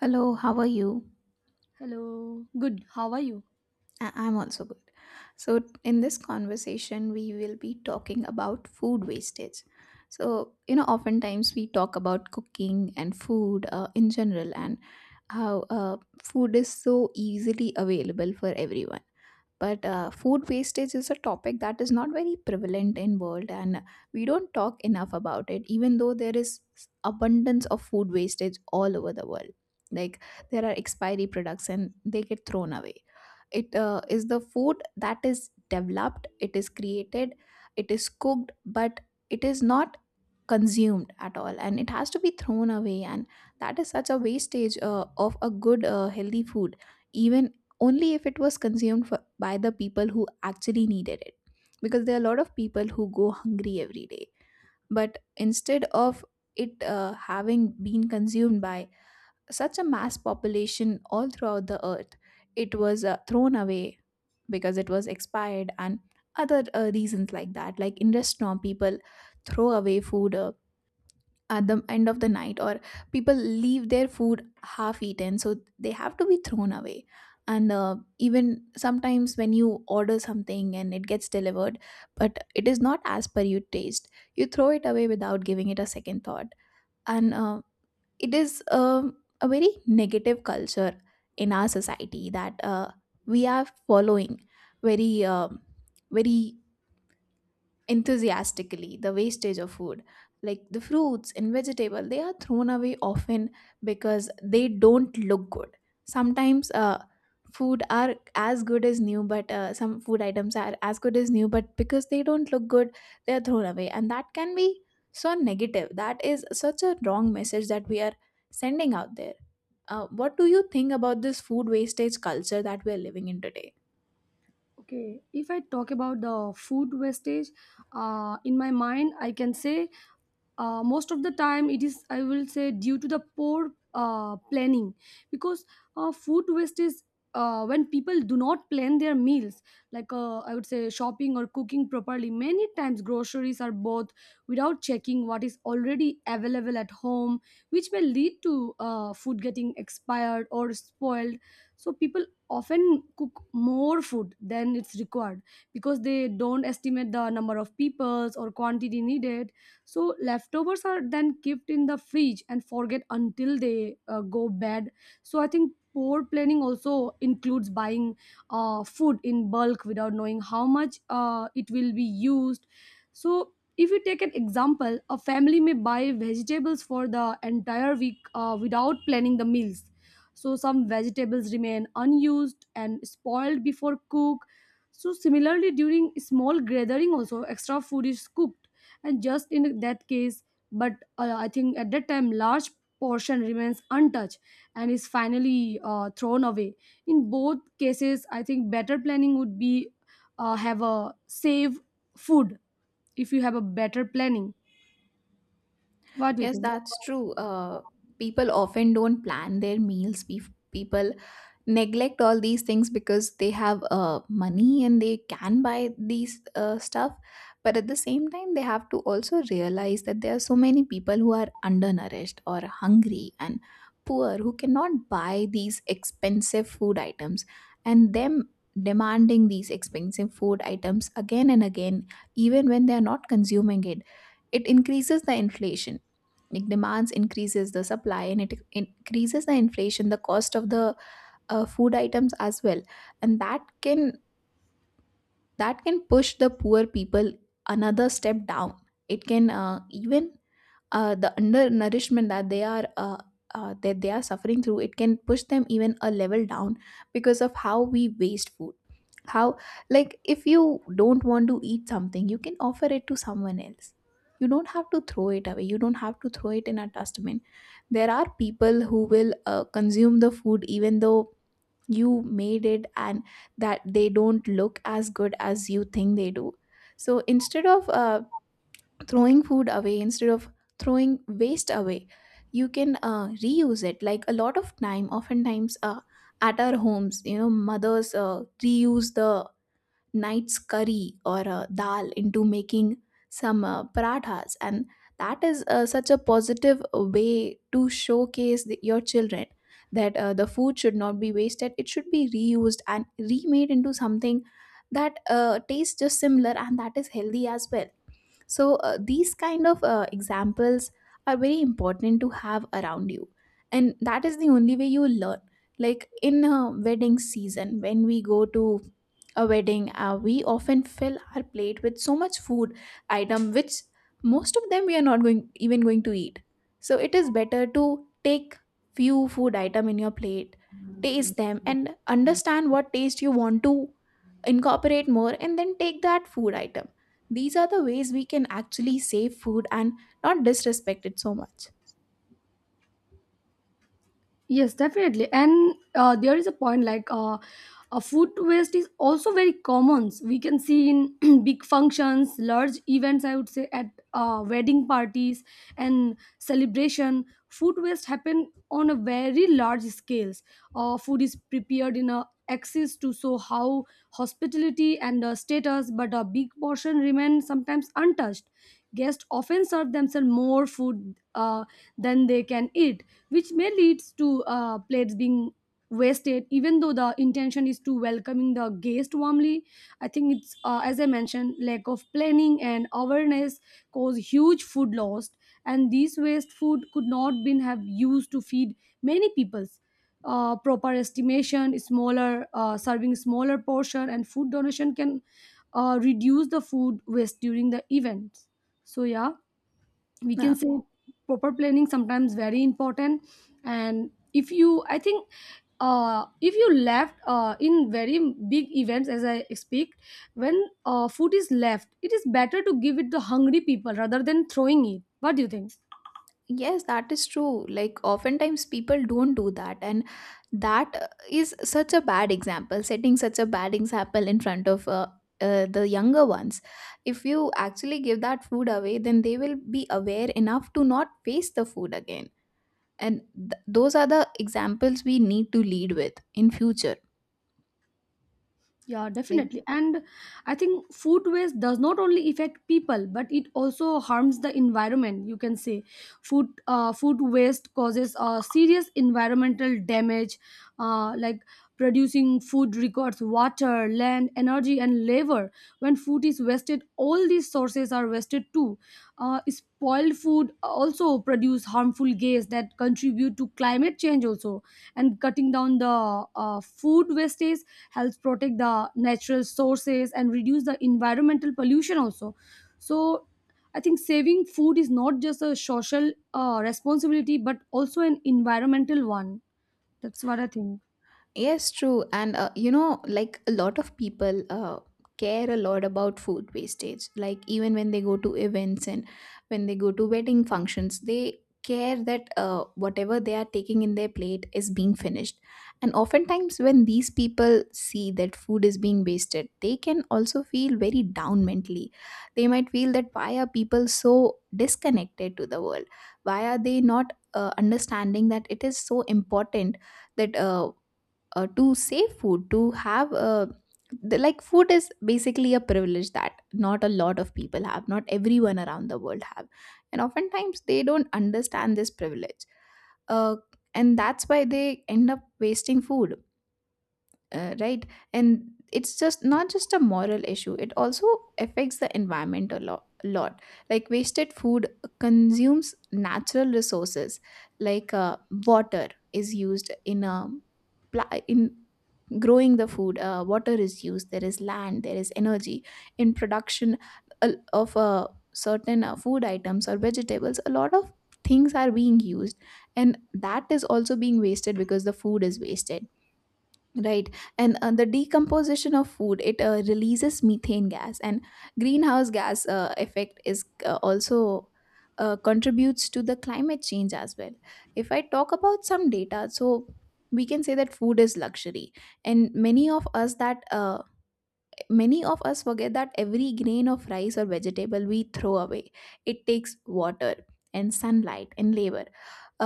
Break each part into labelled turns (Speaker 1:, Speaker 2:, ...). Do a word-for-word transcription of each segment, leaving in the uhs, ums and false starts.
Speaker 1: Hello, how are you?
Speaker 2: Hello, good. How are you?
Speaker 1: I- I'm also good. So, in this conversation, we will be talking about food wastage. So, you know, oftentimes we talk about cooking and food uh, in general and how uh, food is so easily available for everyone but uh, food wastage is a topic that is not very prevalent in world and we don't talk enough about it even though there is abundance of food wastage all over the world. Like, there are expiry products and they get thrown away. It uh, is the food that is developed, it is created, it is cooked but it is not consumed at all and it has to be thrown away, and that is such a wastage uh, of a good uh, healthy food, even only if it was consumed for, by the people who actually needed it, because there are a lot of people who go hungry every day. But instead of it uh, having been consumed by such a mass population all throughout the earth, it was uh, thrown away because it was expired and other uh, reasons like that, like in restaurant people throw away food uh, at the end of the night, or people leave their food half eaten so they have to be thrown away. And uh, even sometimes when you order something and it gets delivered but it is not as per your taste, you throw it away without giving it a second thought. And uh, it is um, a very negative culture in our society that uh, we are following very um very enthusiastically, the wastage of food. Like the fruits and vegetable, they are thrown away often because they don't look good. Sometimes uh, food are as good as new, but uh, some food items are as good as new but because they don't look good, they are thrown away, and that can be so negative. That is such a wrong message that we are sending out there. Uh, what do you think about this food wastage culture that we are living in today?
Speaker 2: Okay, if I talk about the food wastage, uh, in my mind, I can say uh, most of the time it is i will say due to the poor uh, planning, because uh, food waste is uh, when people do not plan their meals, like uh, i would say shopping or cooking properly. Many times groceries are bought without checking what is already available at home, which may lead to uh, food getting expired or spoiled. So people often cook more food than it's required, because they don't estimate the number of peoples or quantity needed. So leftovers are then kept in the fridge and forget until they uh, go bad. So i think poor planning also includes buying uh, food in bulk without knowing how much uh, it will be used. So if you take an example, a family may buy vegetables for the entire week uh, without planning the meals. So some vegetables remain unused and spoiled before cook. So similarly during small gathering also extra food is cooked, and just in that case, but uh, i think at that time large portion remains untouched and is finally uh, thrown away. In both cases i think better planning would be uh, have a save food if you have a better planning. What do you
Speaker 1: Yes,
Speaker 2: think?
Speaker 1: that's true. Uh, people often don't plan their meals. Pe- People neglect all these things because they have uh, money and they can buy these uh, stuff. But at the same time, they have to also realize that there are so many people who are undernourished or hungry and poor who cannot buy these expensive food items. And them demanding these expensive food items again and again, even when they are not consuming it, it increases the inflation. Like demands increases the supply, and it increases the inflation, the cost of the uh, food items as well. And that can that can push the poor people another step down. It can uh, even, uh, the undernourishment that they are uh, uh, that they are suffering through, it can push them even a level down because of how we waste food. How, like, if you don't want to eat something, you can offer it to someone else. You don't have to throw it away, you don't have to throw it in a dustbin. There are people who will uh, consume the food even though you made it and that they don't look as good as you think they do. So instead of uh, throwing food away, instead of throwing waste away, you can uh, reuse it. Like a lot of time, oftentimes, uh, at our homes, you know, mothers uh, reuse the night's curry or uh, dal into making some uh, parathas. And that is uh, such a positive way to showcase the, your children that uh, the food should not be wasted, it should be reused and remade into something that uh, tastes just similar and that is healthy as well. So uh, these kind of uh, examples are very important to have around you, and that is the only way you will learn. Like in uh, wedding season, when we go to a wedding, uh, we often fill our plate with so much food item, which most of them we are not going even going to eat. So it is better to take few food item in your plate, taste them and understand what taste you want to incorporate more, and then take that food item. These are the ways we can actually save food and not disrespect it so much.
Speaker 2: Yes, definitely. And uh, there is a point like uh, uh, food waste is also very common. We can see in big functions, large events, I would say, at uh, wedding parties and celebration. Food waste happen on a very large scales. Uh, food is prepared in a excess to show how hospitality and uh, status, but a big portion remain sometimes untouched. Guests often serve themselves more food uh, than they can eat, which may leads to uh, plates being wasted, even though the intention is to welcoming the guest warmly. I think it's uh, as i mentioned, lack of planning and awareness cause huge food loss, and these waste food could not been have used to feed many peoples. Uh, proper estimation, smaller uh, serving, smaller portion, and food donation can uh, reduce the food waste during the event. So yeah, we
Speaker 1: Uh,
Speaker 2: can say proper planning sometimes very important. And if you i think uh, if you left uh, in very big events, as i speak, when uh, food is left, it is better to give it to hungry people rather than throwing it. What do you think?
Speaker 1: yes, that is true. Like, oftentimes people don't do that, and that uh, is such a bad example, setting such a bad example in front of uh, uh, the younger ones. If you actually give that food away, then they will be aware enough to not waste the food again. And th- those are the examples we need to lead with in future.
Speaker 2: Yeah,
Speaker 1: Like,
Speaker 2: definitely. And I think food waste does not only affect people, but it also harms the environment. You can say food uh, food waste causes uh, serious environmental damage, uh, like producing food records water, land, energy, and labor. When food is wasted, all these sources are wasted too. Uh, spoiled food also produce harmful gas that contribute to climate change also. And cutting down the uh, food wastage helps protect the natural sources and reduce the environmental pollution also. So i think saving food is not just a social uh, responsibility but also an environmental one. That's what i think.
Speaker 1: yes, true. And uh, you know, like a lot of people uh, care a lot about food wastage. Like even when they go to events and when they go to wedding functions, they care that uh, whatever they are taking in their plate is being finished. And oftentimes, when these people see that food is being wasted, they can also feel very down mentally. They might feel that why are people so disconnected to the world? Why are they not uh, understanding that it is so important, that uh, uh, to save food, to have uh, the, like food is basically a privilege that not a lot of people have, not everyone around the world have. And oftentimes they don't understand this privilege. Uh, and that's why they end up wasting food. Uh, right. And it's just not just a moral issue, it also affects the environment a lot lot. Like wasted food consumes natural resources, like uh, water is used in a pla- in growing the food. Uh, water is used, there is land, there is energy in production uh, of uh, certain uh, food items or vegetables. A lot of things are being used, and that is also being wasted because the food is wasted. Right, and uh, the decomposition of food, it uh, releases methane gas, and greenhouse gas uh, effect is uh, also uh, contributes to the climate change as well. If I talk about some data, so we can say that food is luxury, and many of us that uh, many of us forget that every grain of rice or vegetable we throw away, it takes water and sunlight and labor.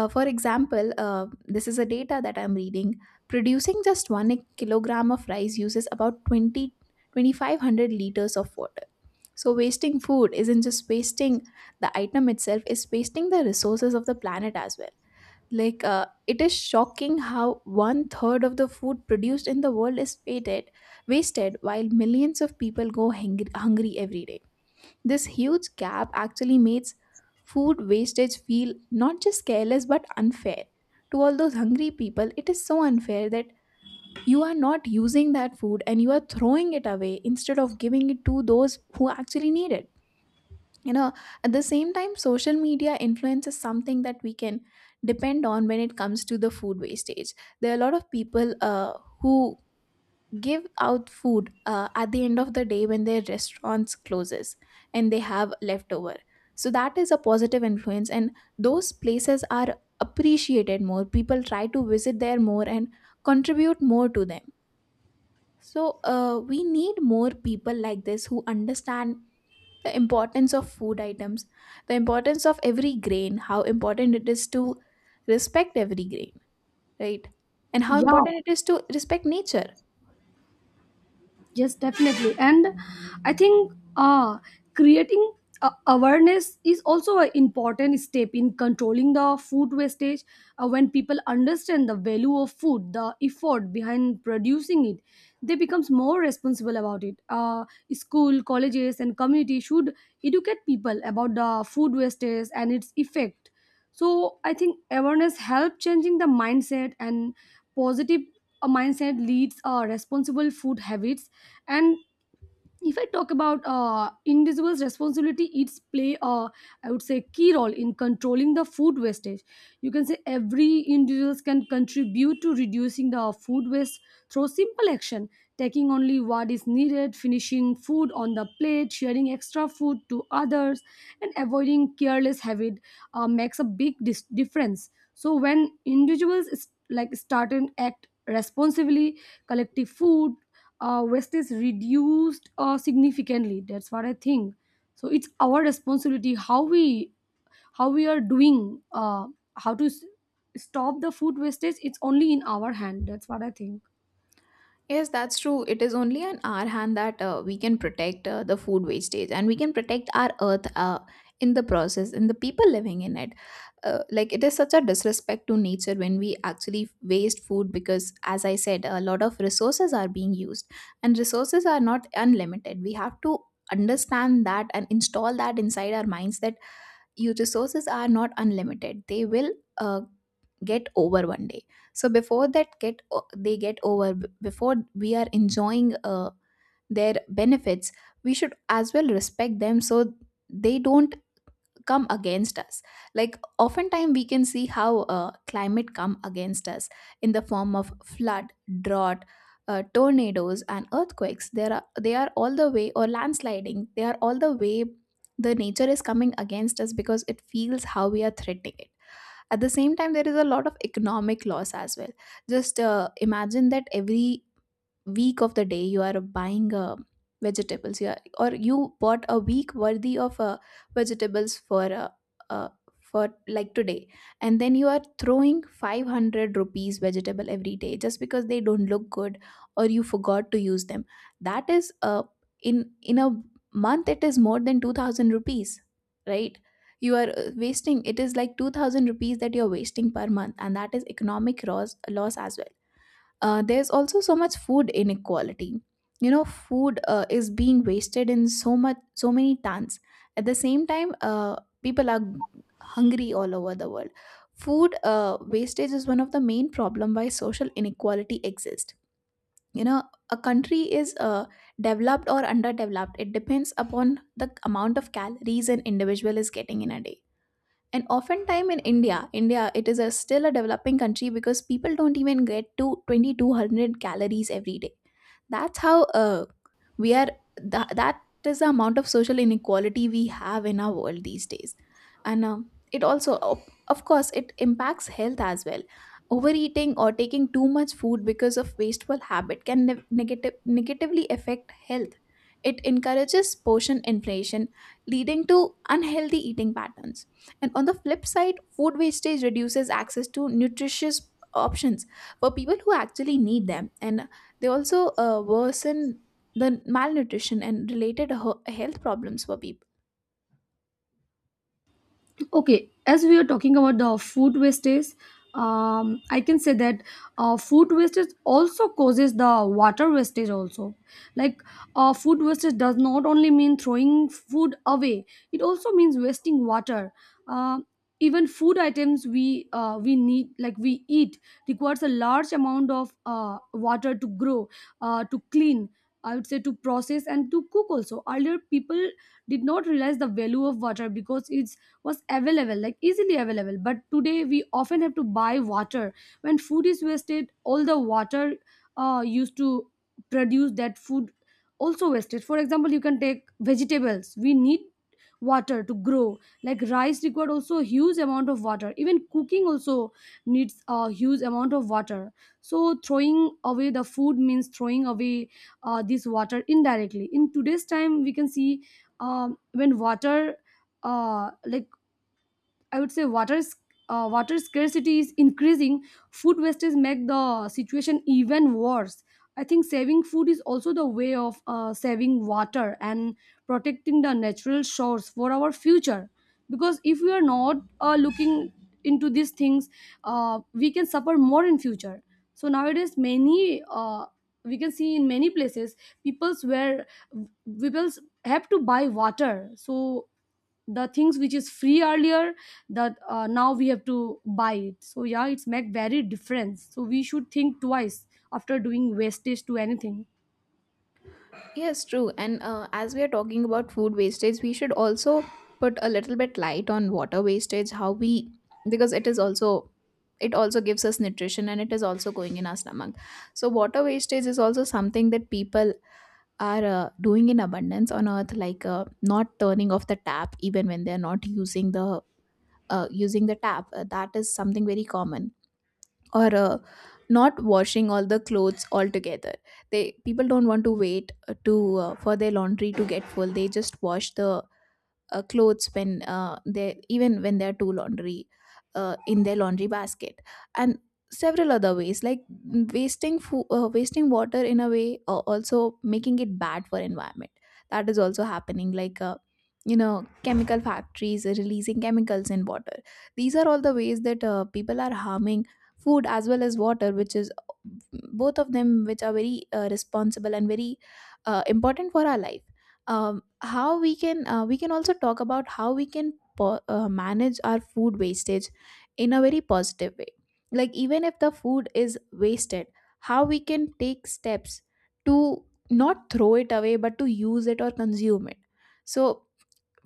Speaker 1: Uh, for example, uh, this is a data that I'm reading. Producing just one kilogram of rice uses about twenty twenty five hundred liters of water. So wasting food isn't just wasting the item itself, it's wasting the resources of the planet as well. Like, uh, it is shocking how one third of the food produced in the world is wasted, wasted while millions of people go hungry, hungry every day. This huge gap actually makes food wastage feel not just careless but unfair. To all those hungry people, it is so unfair that you are not using that food and you are throwing it away instead of giving it to those who actually need it, you know. At the same time, social media influence is something that we can depend on when it comes to the food wastage. There are a lot of people uh, who give out food uh, at the end of the day when their restaurants closes and they have leftover. So that is a positive influence, and those places are appreciated. More people try to visit there more and contribute more to them. So uh, we need more people like this who understand the importance of food items, the importance of every grain, how important it is to respect every grain, right? And how
Speaker 2: Yeah.
Speaker 1: important it is to respect nature.
Speaker 2: Yes, definitely. And I think uh, creating uh, awareness is also an important step in controlling the food wastage. Uh, when people understand the value of food, the effort behind producing it, they becomes more responsible about it. Uh, school, colleges, and community should educate people about the food wastage and its effect. So I think awareness helps changing the mindset, and positive uh, mindset leads uh, responsible food habits. And if i talk about uh, individuals responsibility, it's play uh, i would say key role in controlling the food wastage. You can say every individuals can contribute to reducing the food waste through simple action, taking only what is needed, finishing food on the plate, sharing extra food to others, and avoiding careless habit uh, makes a big dis- difference. So when individuals is- like start and act responsibly, collective food uh, waste is reduced uh, significantly. That's what i think. So it's our responsibility how we how we are doing uh, how to s- stop the food wastage. It's only in our hand. That's what i think.
Speaker 1: Yes, that's true. It is only on our hand that uh, we can protect uh, the food wastage and we can protect our earth uh, in the process and the people living in it. Uh, like, it is such a disrespect to nature when we actually waste food because, as I said, a lot of resources are being used, and resources are not unlimited. We have to understand that and install that inside our minds that your resources are not unlimited. They will. Uh, get over one day, so before that get o- they get over b- before we are enjoying uh, their benefits, we should as well respect them so they don't come against us. Like, oftentimes we can see how uh, climate come against us in the form of flood, drought, uh, tornadoes and earthquakes, there are they are all the way, or landsliding, they are all the way. The nature is coming against us because it feels how we are threatening it. At the same time, there is a lot of economic loss as well. Just uh, imagine that every week of the day you are buying uh, vegetables, you are, or you bought a week worthy of uh, vegetables for uh, uh, for like today, and then you are throwing five hundred rupees vegetable every day just because they don't look good, or you forgot to use them. That is uh, in in a month, it is more than two thousand rupees, right? You are uh, wasting, it is like two thousand rupees that you are wasting per month, and that is economic loss loss as well. Uh, there's also so much food inequality. You know, food uh, is being wasted in so much so many tons. At the same time, uh, people are hungry all over the world. Food uh, wastage is one of the main problem why social inequality exists. You know, a country is uh, developed or underdeveloped, it depends upon the amount of calories an individual is getting in a day. And oftentimes in india india it is a still a developing country because people don't even get to twenty-two hundred calories every day. That's how uh, we are tha- that is the amount of social inequality we have in our world these days. And um, it also of of course it impacts health as well. Overeating or taking too much food because of wasteful habit can ne- negative, negatively affect health. It encourages portion inflation, leading to unhealthy eating patterns. And on the flip side, food wastage reduces access to nutritious options for people who actually need them. And they also uh, worsen the malnutrition and related ho- health problems for people.
Speaker 2: Okay, as we are talking about the food wastage, um, i can say that uh, food wastage also causes the water wastage also. Like uh, food wastage does not only mean throwing food away, it also means wasting water. Uh, even food items we uh, we need, like we eat, requires a large amount of uh, water to grow, uh, to clean, i would say to process and to cook also. Earlier people did not realize the value of water because it was available like easily available, but today we often have to buy water. When food is wasted, all the water uh, used to produce that food also wasted. For example, you can take vegetables, we need water to grow, like rice required also a huge amount of water, even cooking also needs a huge amount of water. So throwing away the food means throwing away uh, this water indirectly. In today's time we can see um, when water uh, like I would say water s- uh, water scarcity is increasing. Food wastage make the situation even worse. I think saving food is also the way of uh, saving water and protecting the natural source for our future. Because if we are not uh, looking into these things, uh, we can suffer more in future. So nowadays, many uh, we can see in many places, people's where people's have to buy water. So the things which is free earlier, that uh, now we have to buy it. So yeah, it's make very difference, so we should think twice after doing wastage to anything.
Speaker 1: Yes, true. And uh, as we are talking about food wastage, we should also put a little bit light on water wastage, how we, because it is also. It also gives us nutrition and it is also going in our stomach. So, water wastage is also something that people are uh, doing in abundance on earth, like uh, not turning off the tap even when they're not using the uh, using the tap. Uh, that is something very common. Or uh, not washing all the clothes altogether. They, people don't want to wait uh, to uh, for their laundry to get full. They just wash the uh, clothes when uh, they, even when they're two laundry uh, in their laundry basket. And several other ways, like wasting fo- uh, wasting water in a way uh, also making it bad for environment. That is also happening, like uh, you know, chemical factories are releasing chemicals in water. These are all the ways that uh, people are harming food as well as water, which is both of them, which are very uh, responsible and very uh, important for our life. Um, how we can uh, we can also talk about how we can po- uh, manage our food wastage in a very positive way. Like, even if the food is wasted, how we can take steps to not throw it away, but to use it or consume it. So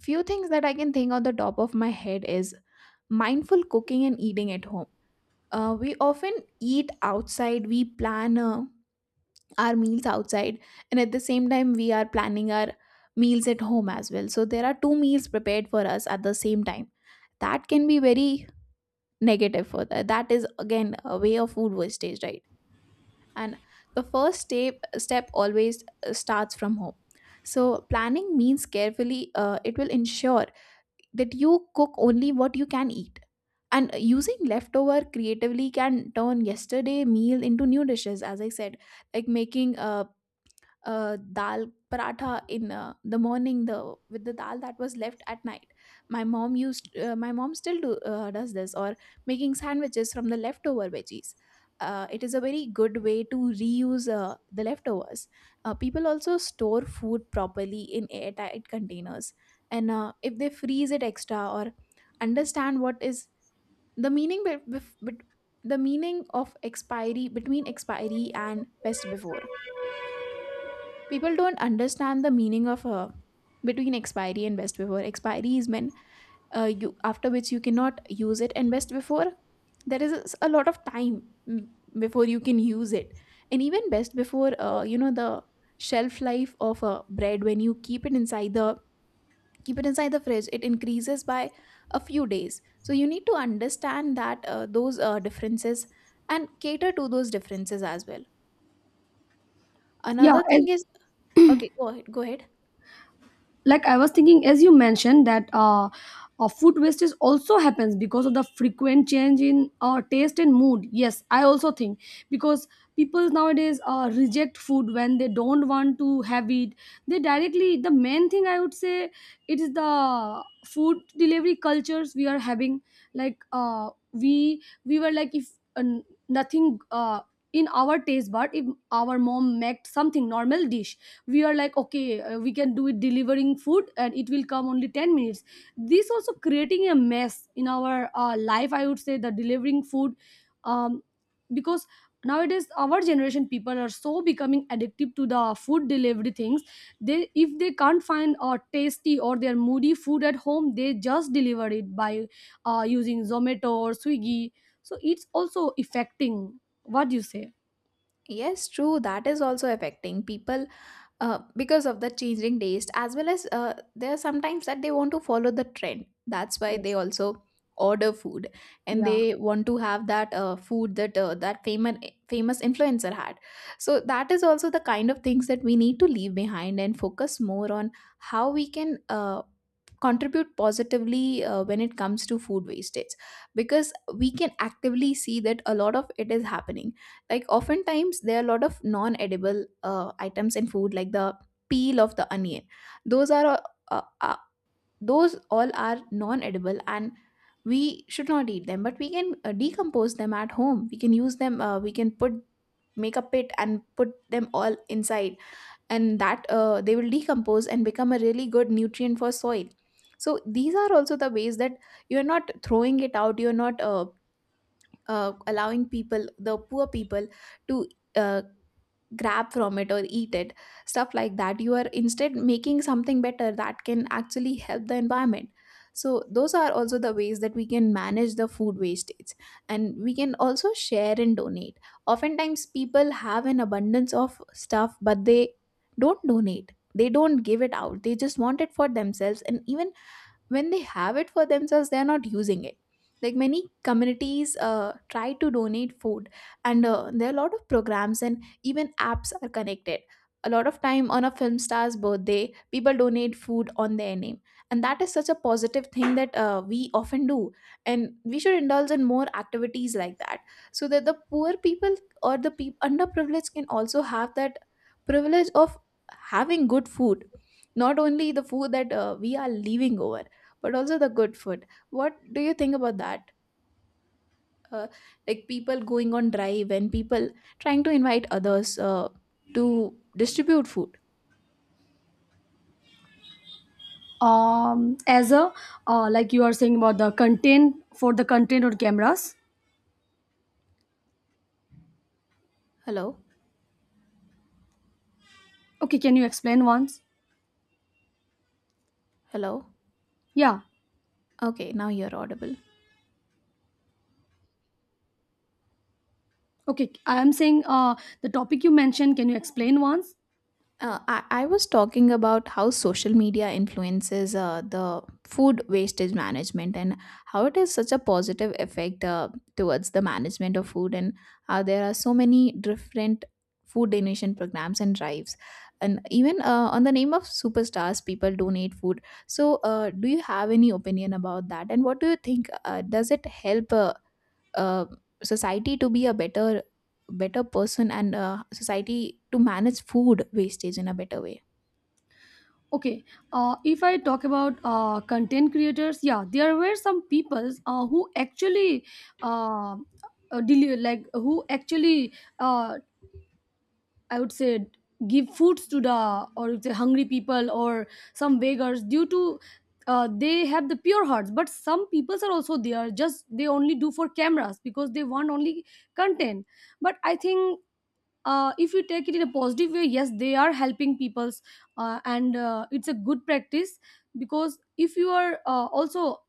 Speaker 1: few things that I can think on the top of my head is mindful cooking and eating at home. Uh, we often eat outside, we plan uh, our meals outside, and at the same time we are planning our meals at home as well. So there are two meals prepared for us at the same time. That can be very negative for that that is again a way of food wastage, right? And the first step step always uh, starts from home. So planning means carefully, uh, it will ensure that you cook only what you can eat. And using leftover creatively can turn yesterday meal into new dishes. As I said, like making uh, uh, dal paratha in uh, the morning the with the dal that was left at night. My mom used, uh, my mom still do, uh, does this. Or making sandwiches from the leftover veggies, uh, it is a very good way to reuse uh, the leftovers. Uh, people also store food properly in airtight containers, and uh, if they freeze it extra. Or understand what is the meaning be- bef- bet- the meaning of expiry, between expiry and best before. People don't understand the meaning of uh, between expiry and best before. Expiry is when uh, you, after which you cannot use it, and best before, there is a lot of time mm, before you can use it. And even best before, uh, you know, the shelf life of a bread, when you keep it inside the keep it inside the fridge, it increases by a few days. So you need to understand that uh, those uh, differences, and cater to those differences as well.
Speaker 2: Yeah,
Speaker 1: Another
Speaker 2: as
Speaker 1: thing is, okay, go ahead, go ahead.
Speaker 2: like i was thinking, as you mentioned that uh, uh food wastage also happens because of the frequent change in uh, taste and mood. Yes, i also think, because people nowadays uh, reject food when they don't want to have it. They directly, the main thing i would say it is the food delivery cultures we are having. Like uh, we we were like, if uh, nothing uh, in our taste, but if our mom made something normal dish, we are like, okay, uh, we can do it, delivering food and it will come only ten minutes. This also creating a mess in our uh, life, i would say the delivering food. Um, because nowadays our generation people are so becoming addictive to the food delivery things. They, if they can't find a tasty or their moody food at home, they just deliver it by uh, using Zomato or Swiggy. So it's also affecting. What do you say?
Speaker 1: Yes, true. That is also affecting people uh, because of the changing taste, as well as uh, there are sometimes that they want to follow the trend. That's why they
Speaker 2: Yes.
Speaker 1: also order food and
Speaker 2: Yeah.
Speaker 1: they want to have that uh, food that uh, that famous famous influencer had. So that is also the kind of things that we need to leave behind and focus more on how we can uh, contribute positively uh, when it comes to food wastage, because we can actively see that a lot of it is happening. Like, oftentimes there are a lot of non-edible uh, items in food, like the peel of the onion. Those are uh, uh, uh, those all are non-edible, and we should not eat them, but we can uh, decompose them at home. We can use them, uh, we can put make a pit and put them all inside, and that uh, they will decompose and become a really good nutrient for soil. So these are also the ways that you're not throwing it out, you're not uh, uh, allowing people, the poor people, to uh, grab from it or eat it, stuff like that. You are instead making something better that can actually help the environment. So those are also the ways that we can manage the food wastage. And we can also share and donate. Oftentimes people have an abundance of stuff, but they don't donate, they don't give it out, they just want it for themselves. And even when they have it for themselves, they are not using it. Like, many communities uh, try to donate food, and uh, there are a lot of programs and even apps are connected. A lot of time on a film star's birthday, people donate food on their name, and that is such a positive thing that uh, we often do, and we should indulge in more activities like that, so that the poor people or the people underprivileged can also have that privilege of having good food, not only the food that uh, we are leaving over, but also the good food. What do you think about that? uh, like, people going on drive and people trying to invite others uh, to distribute food.
Speaker 2: Um as a uh, like you are saying about the content, for the content or cameras.
Speaker 1: Hello.
Speaker 2: Okay, can you explain once?
Speaker 1: Hello.
Speaker 2: Yeah.
Speaker 1: Okay, now you're audible.
Speaker 2: Okay, i am saying uh the topic you mentioned, can you explain once?
Speaker 1: Uh, I, I was talking about how social media influences uh, the food wastage management, and how it has such a positive effect uh, towards the management of food, and how there are so many different food donation programs and drives, and even uh, on the name of superstars, people donate food. So uh, do you have any opinion about that? And what do you think, uh, does it help uh, uh, society to be a better better person, and uh, society to manage food wastage in a better way?
Speaker 2: Okay, uh if i talk about uh content creators, yeah, there were some peoples uh, who actually uh uh, deli- like who actually uh, I would say give foods to the or the hungry people or some beggars, due to uh, they have the pure hearts. But some peoples are also there, just they only do for cameras because they want only content. But i think uh, if you take it in a positive way, yes, they are helping people's, uh, and uh, it's a good practice. Because if you are uh, also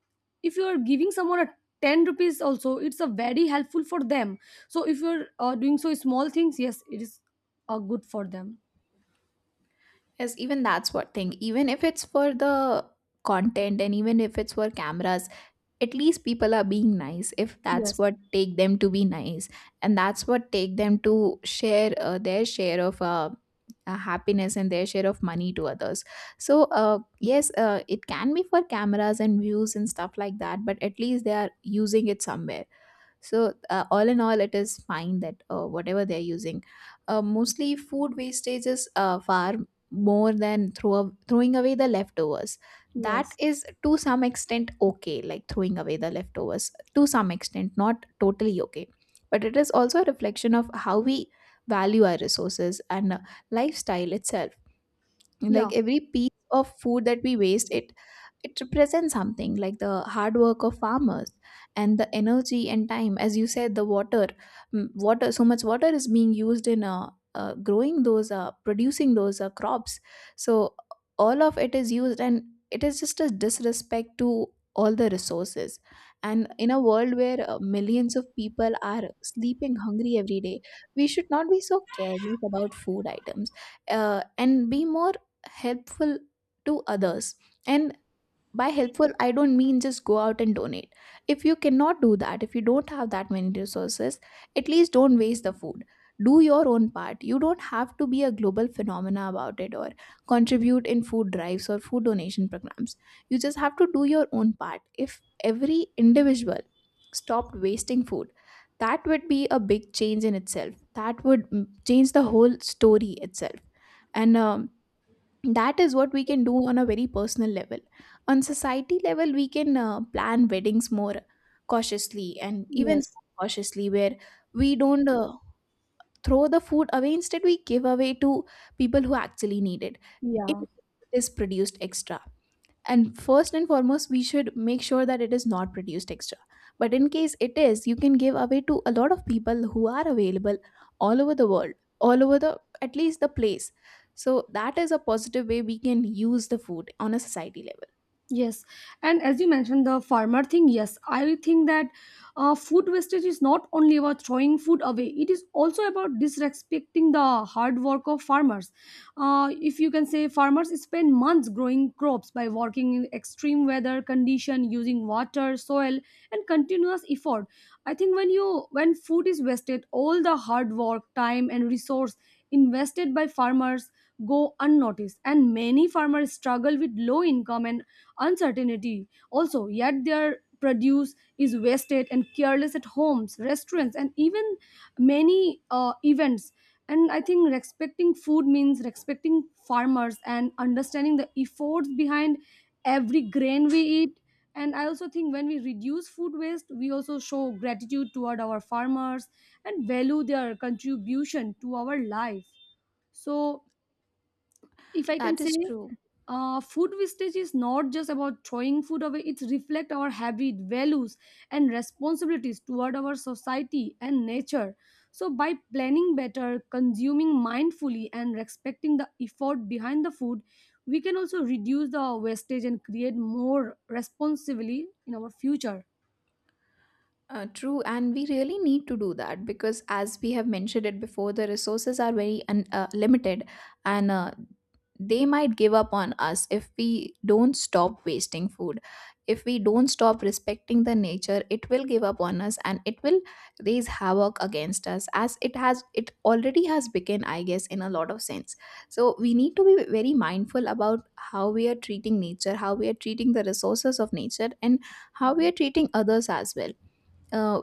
Speaker 2: if you are giving someone a ten rupees also, it's a very helpful for them. So if you're uh, doing so small things, yes, it is uh, good for them.
Speaker 1: Yes, even that's what thing, even if it's for the content, and even if it's for cameras, at least people are being nice, if that's
Speaker 2: Yes.
Speaker 1: what take them to be nice, and that's what take them to share uh, their share of uh, uh, happiness, and their share of money to others. So uh, yes, uh, it can be for cameras and views and stuff like that, but at least they are using it somewhere. So uh, all in all, it is fine that uh, whatever they're using, uh, mostly food wastages uh, far more than throw throwing away the leftovers. That
Speaker 2: Yes.
Speaker 1: is to some extent okay, like throwing away the leftovers to some extent, not totally okay. But it is also a reflection of how we value our resources and uh, lifestyle itself,
Speaker 2: Yeah.
Speaker 1: like every piece of food that we waste it it represents something like the hard work of farmers and the energy and time, as you said, the water. Mm, water, so much water is being used in uh, uh, growing those, uh, producing those uh, crops. So all of it is used, and it is just a disrespect to all the resources. And in a world where uh, millions of people are sleeping hungry every day, we should not be so careless about food items, uh, and be more helpful to others. And by helpful, I don't mean just go out and donate. If you cannot do that, if you don't have that many resources, at least don't waste the food. Do your own part. You don't have to be a global phenomena about it or contribute in food drives or food donation programs. You just have to do your own part. If every individual stopped wasting food, that would be a big change in itself. That would mm, change the whole story itself. And um, that is what we can do on a very personal level. On society level, we can uh, plan weddings more cautiously, and even
Speaker 2: Yes.
Speaker 1: cautiously, where we don't uh, throw the food away. Instead, we give away to people who actually need it, it
Speaker 2: Yeah.
Speaker 1: is produced extra. And first and foremost, we should make sure that it is not produced extra. But in case it is, you can give away to a lot of people who are available all over the world, all over the, at least, the place. So that is a positive way we can use the food on a society level.
Speaker 2: Yes, and as you mentioned the farmer thing, yes, I think that uh, food wastage is not only about throwing food away; it is also about disrespecting the hard work of farmers. Uh, if you can say, farmers spend months growing crops by working in extreme weather condition, using water, soil, and continuous effort. I think when you, when food is wasted, all the hard work, time, and resource invested by farmers go unnoticed, and many farmers struggle with low income and uncertainty also, yet their produce is wasted and careless at homes, restaurants, and even many uh, events. And i think respecting food means respecting farmers and understanding the efforts behind every grain we eat. And i also think when we reduce food waste, we also show gratitude toward our farmers and value their contribution to our life. So if i can
Speaker 1: That
Speaker 2: say,
Speaker 1: is true.
Speaker 2: uh, food wastage is not just about throwing food away, it reflects our habit, values, and responsibilities toward our society and nature. So by planning better, consuming mindfully, and respecting the effort behind the food, we can also reduce the wastage and create more responsibly in our future.
Speaker 1: Uh, true, and we really need to do that because, as we have mentioned it before, the resources are very un- uh, limited, and uh, they might give up on us if we don't stop wasting food. If we don't stop respecting the nature, it will give up on us, and it will raise havoc against us, as it has it already has begun, I guess, in a lot of sense. So we need to be very mindful about how we are treating nature, how we are treating the resources of nature, and how we are treating others as well. uh,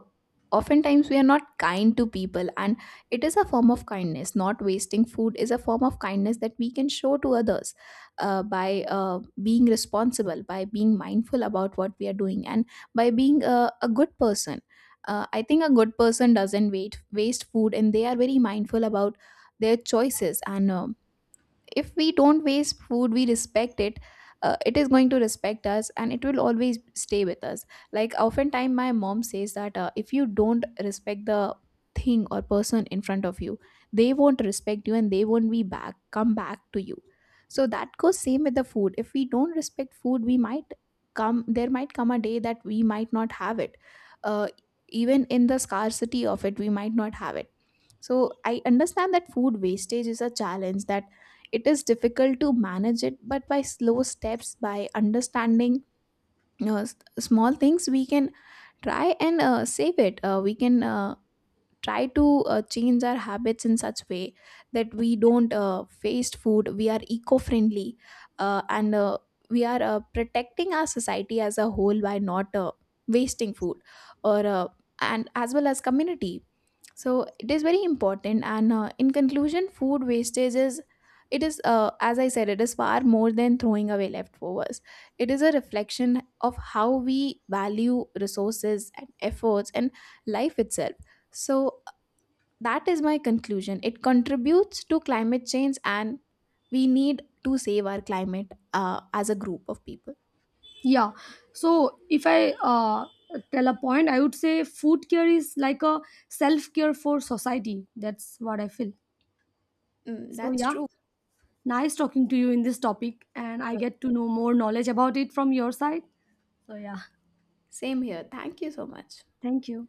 Speaker 1: Oftentimes we are not kind to people, and it is a form of kindness. Not wasting food is a form of kindness that we can show to others, uh, by uh, being responsible, by being mindful about what we are doing, and by being a, a good person. uh, I think a good person doesn't wait, waste food, and they are very mindful about their choices. And um if we don't waste food, we respect it. Uh, it is going to respect us, and it will always stay with us. Like oftentimes my mom says that, uh, if you don't respect the thing or person in front of you, they won't respect you, and they won't be back come back to you. So that goes same with the food. If we don't respect food, we might come there might come a day that we might not have it. uh, Even in the scarcity of it, we might not have it. So I understand that food wastage is a challenge, that it is difficult to manage it, but by slow steps, by understanding, you know, s- small things, we can try and uh, save it. Uh, we can uh, try to uh, change our habits in such way that we don't uh, waste food, we are eco-friendly, uh, and uh, we are uh, protecting our society as a whole by not uh, wasting food, or uh, and as well as community. So it is very important, and uh, in conclusion, food wastage is, it is, uh, as I said, it is far more than throwing away leftovers. It is a reflection of how we value resources and efforts and life itself. So that is my conclusion. It contributes to climate change, and we need to save our climate uh, as a group of people.
Speaker 2: Yeah. So if i uh, tell a point, i would say food care is like a self care for society. That's what i feel.
Speaker 1: Mm,
Speaker 2: So
Speaker 1: that's
Speaker 2: yeah.
Speaker 1: true.
Speaker 2: Nice talking to you in this topic, and I
Speaker 1: Uh,
Speaker 2: get to know more knowledge about it from your side. So, yeah,
Speaker 1: Same here. Thank you so much.
Speaker 2: thank you.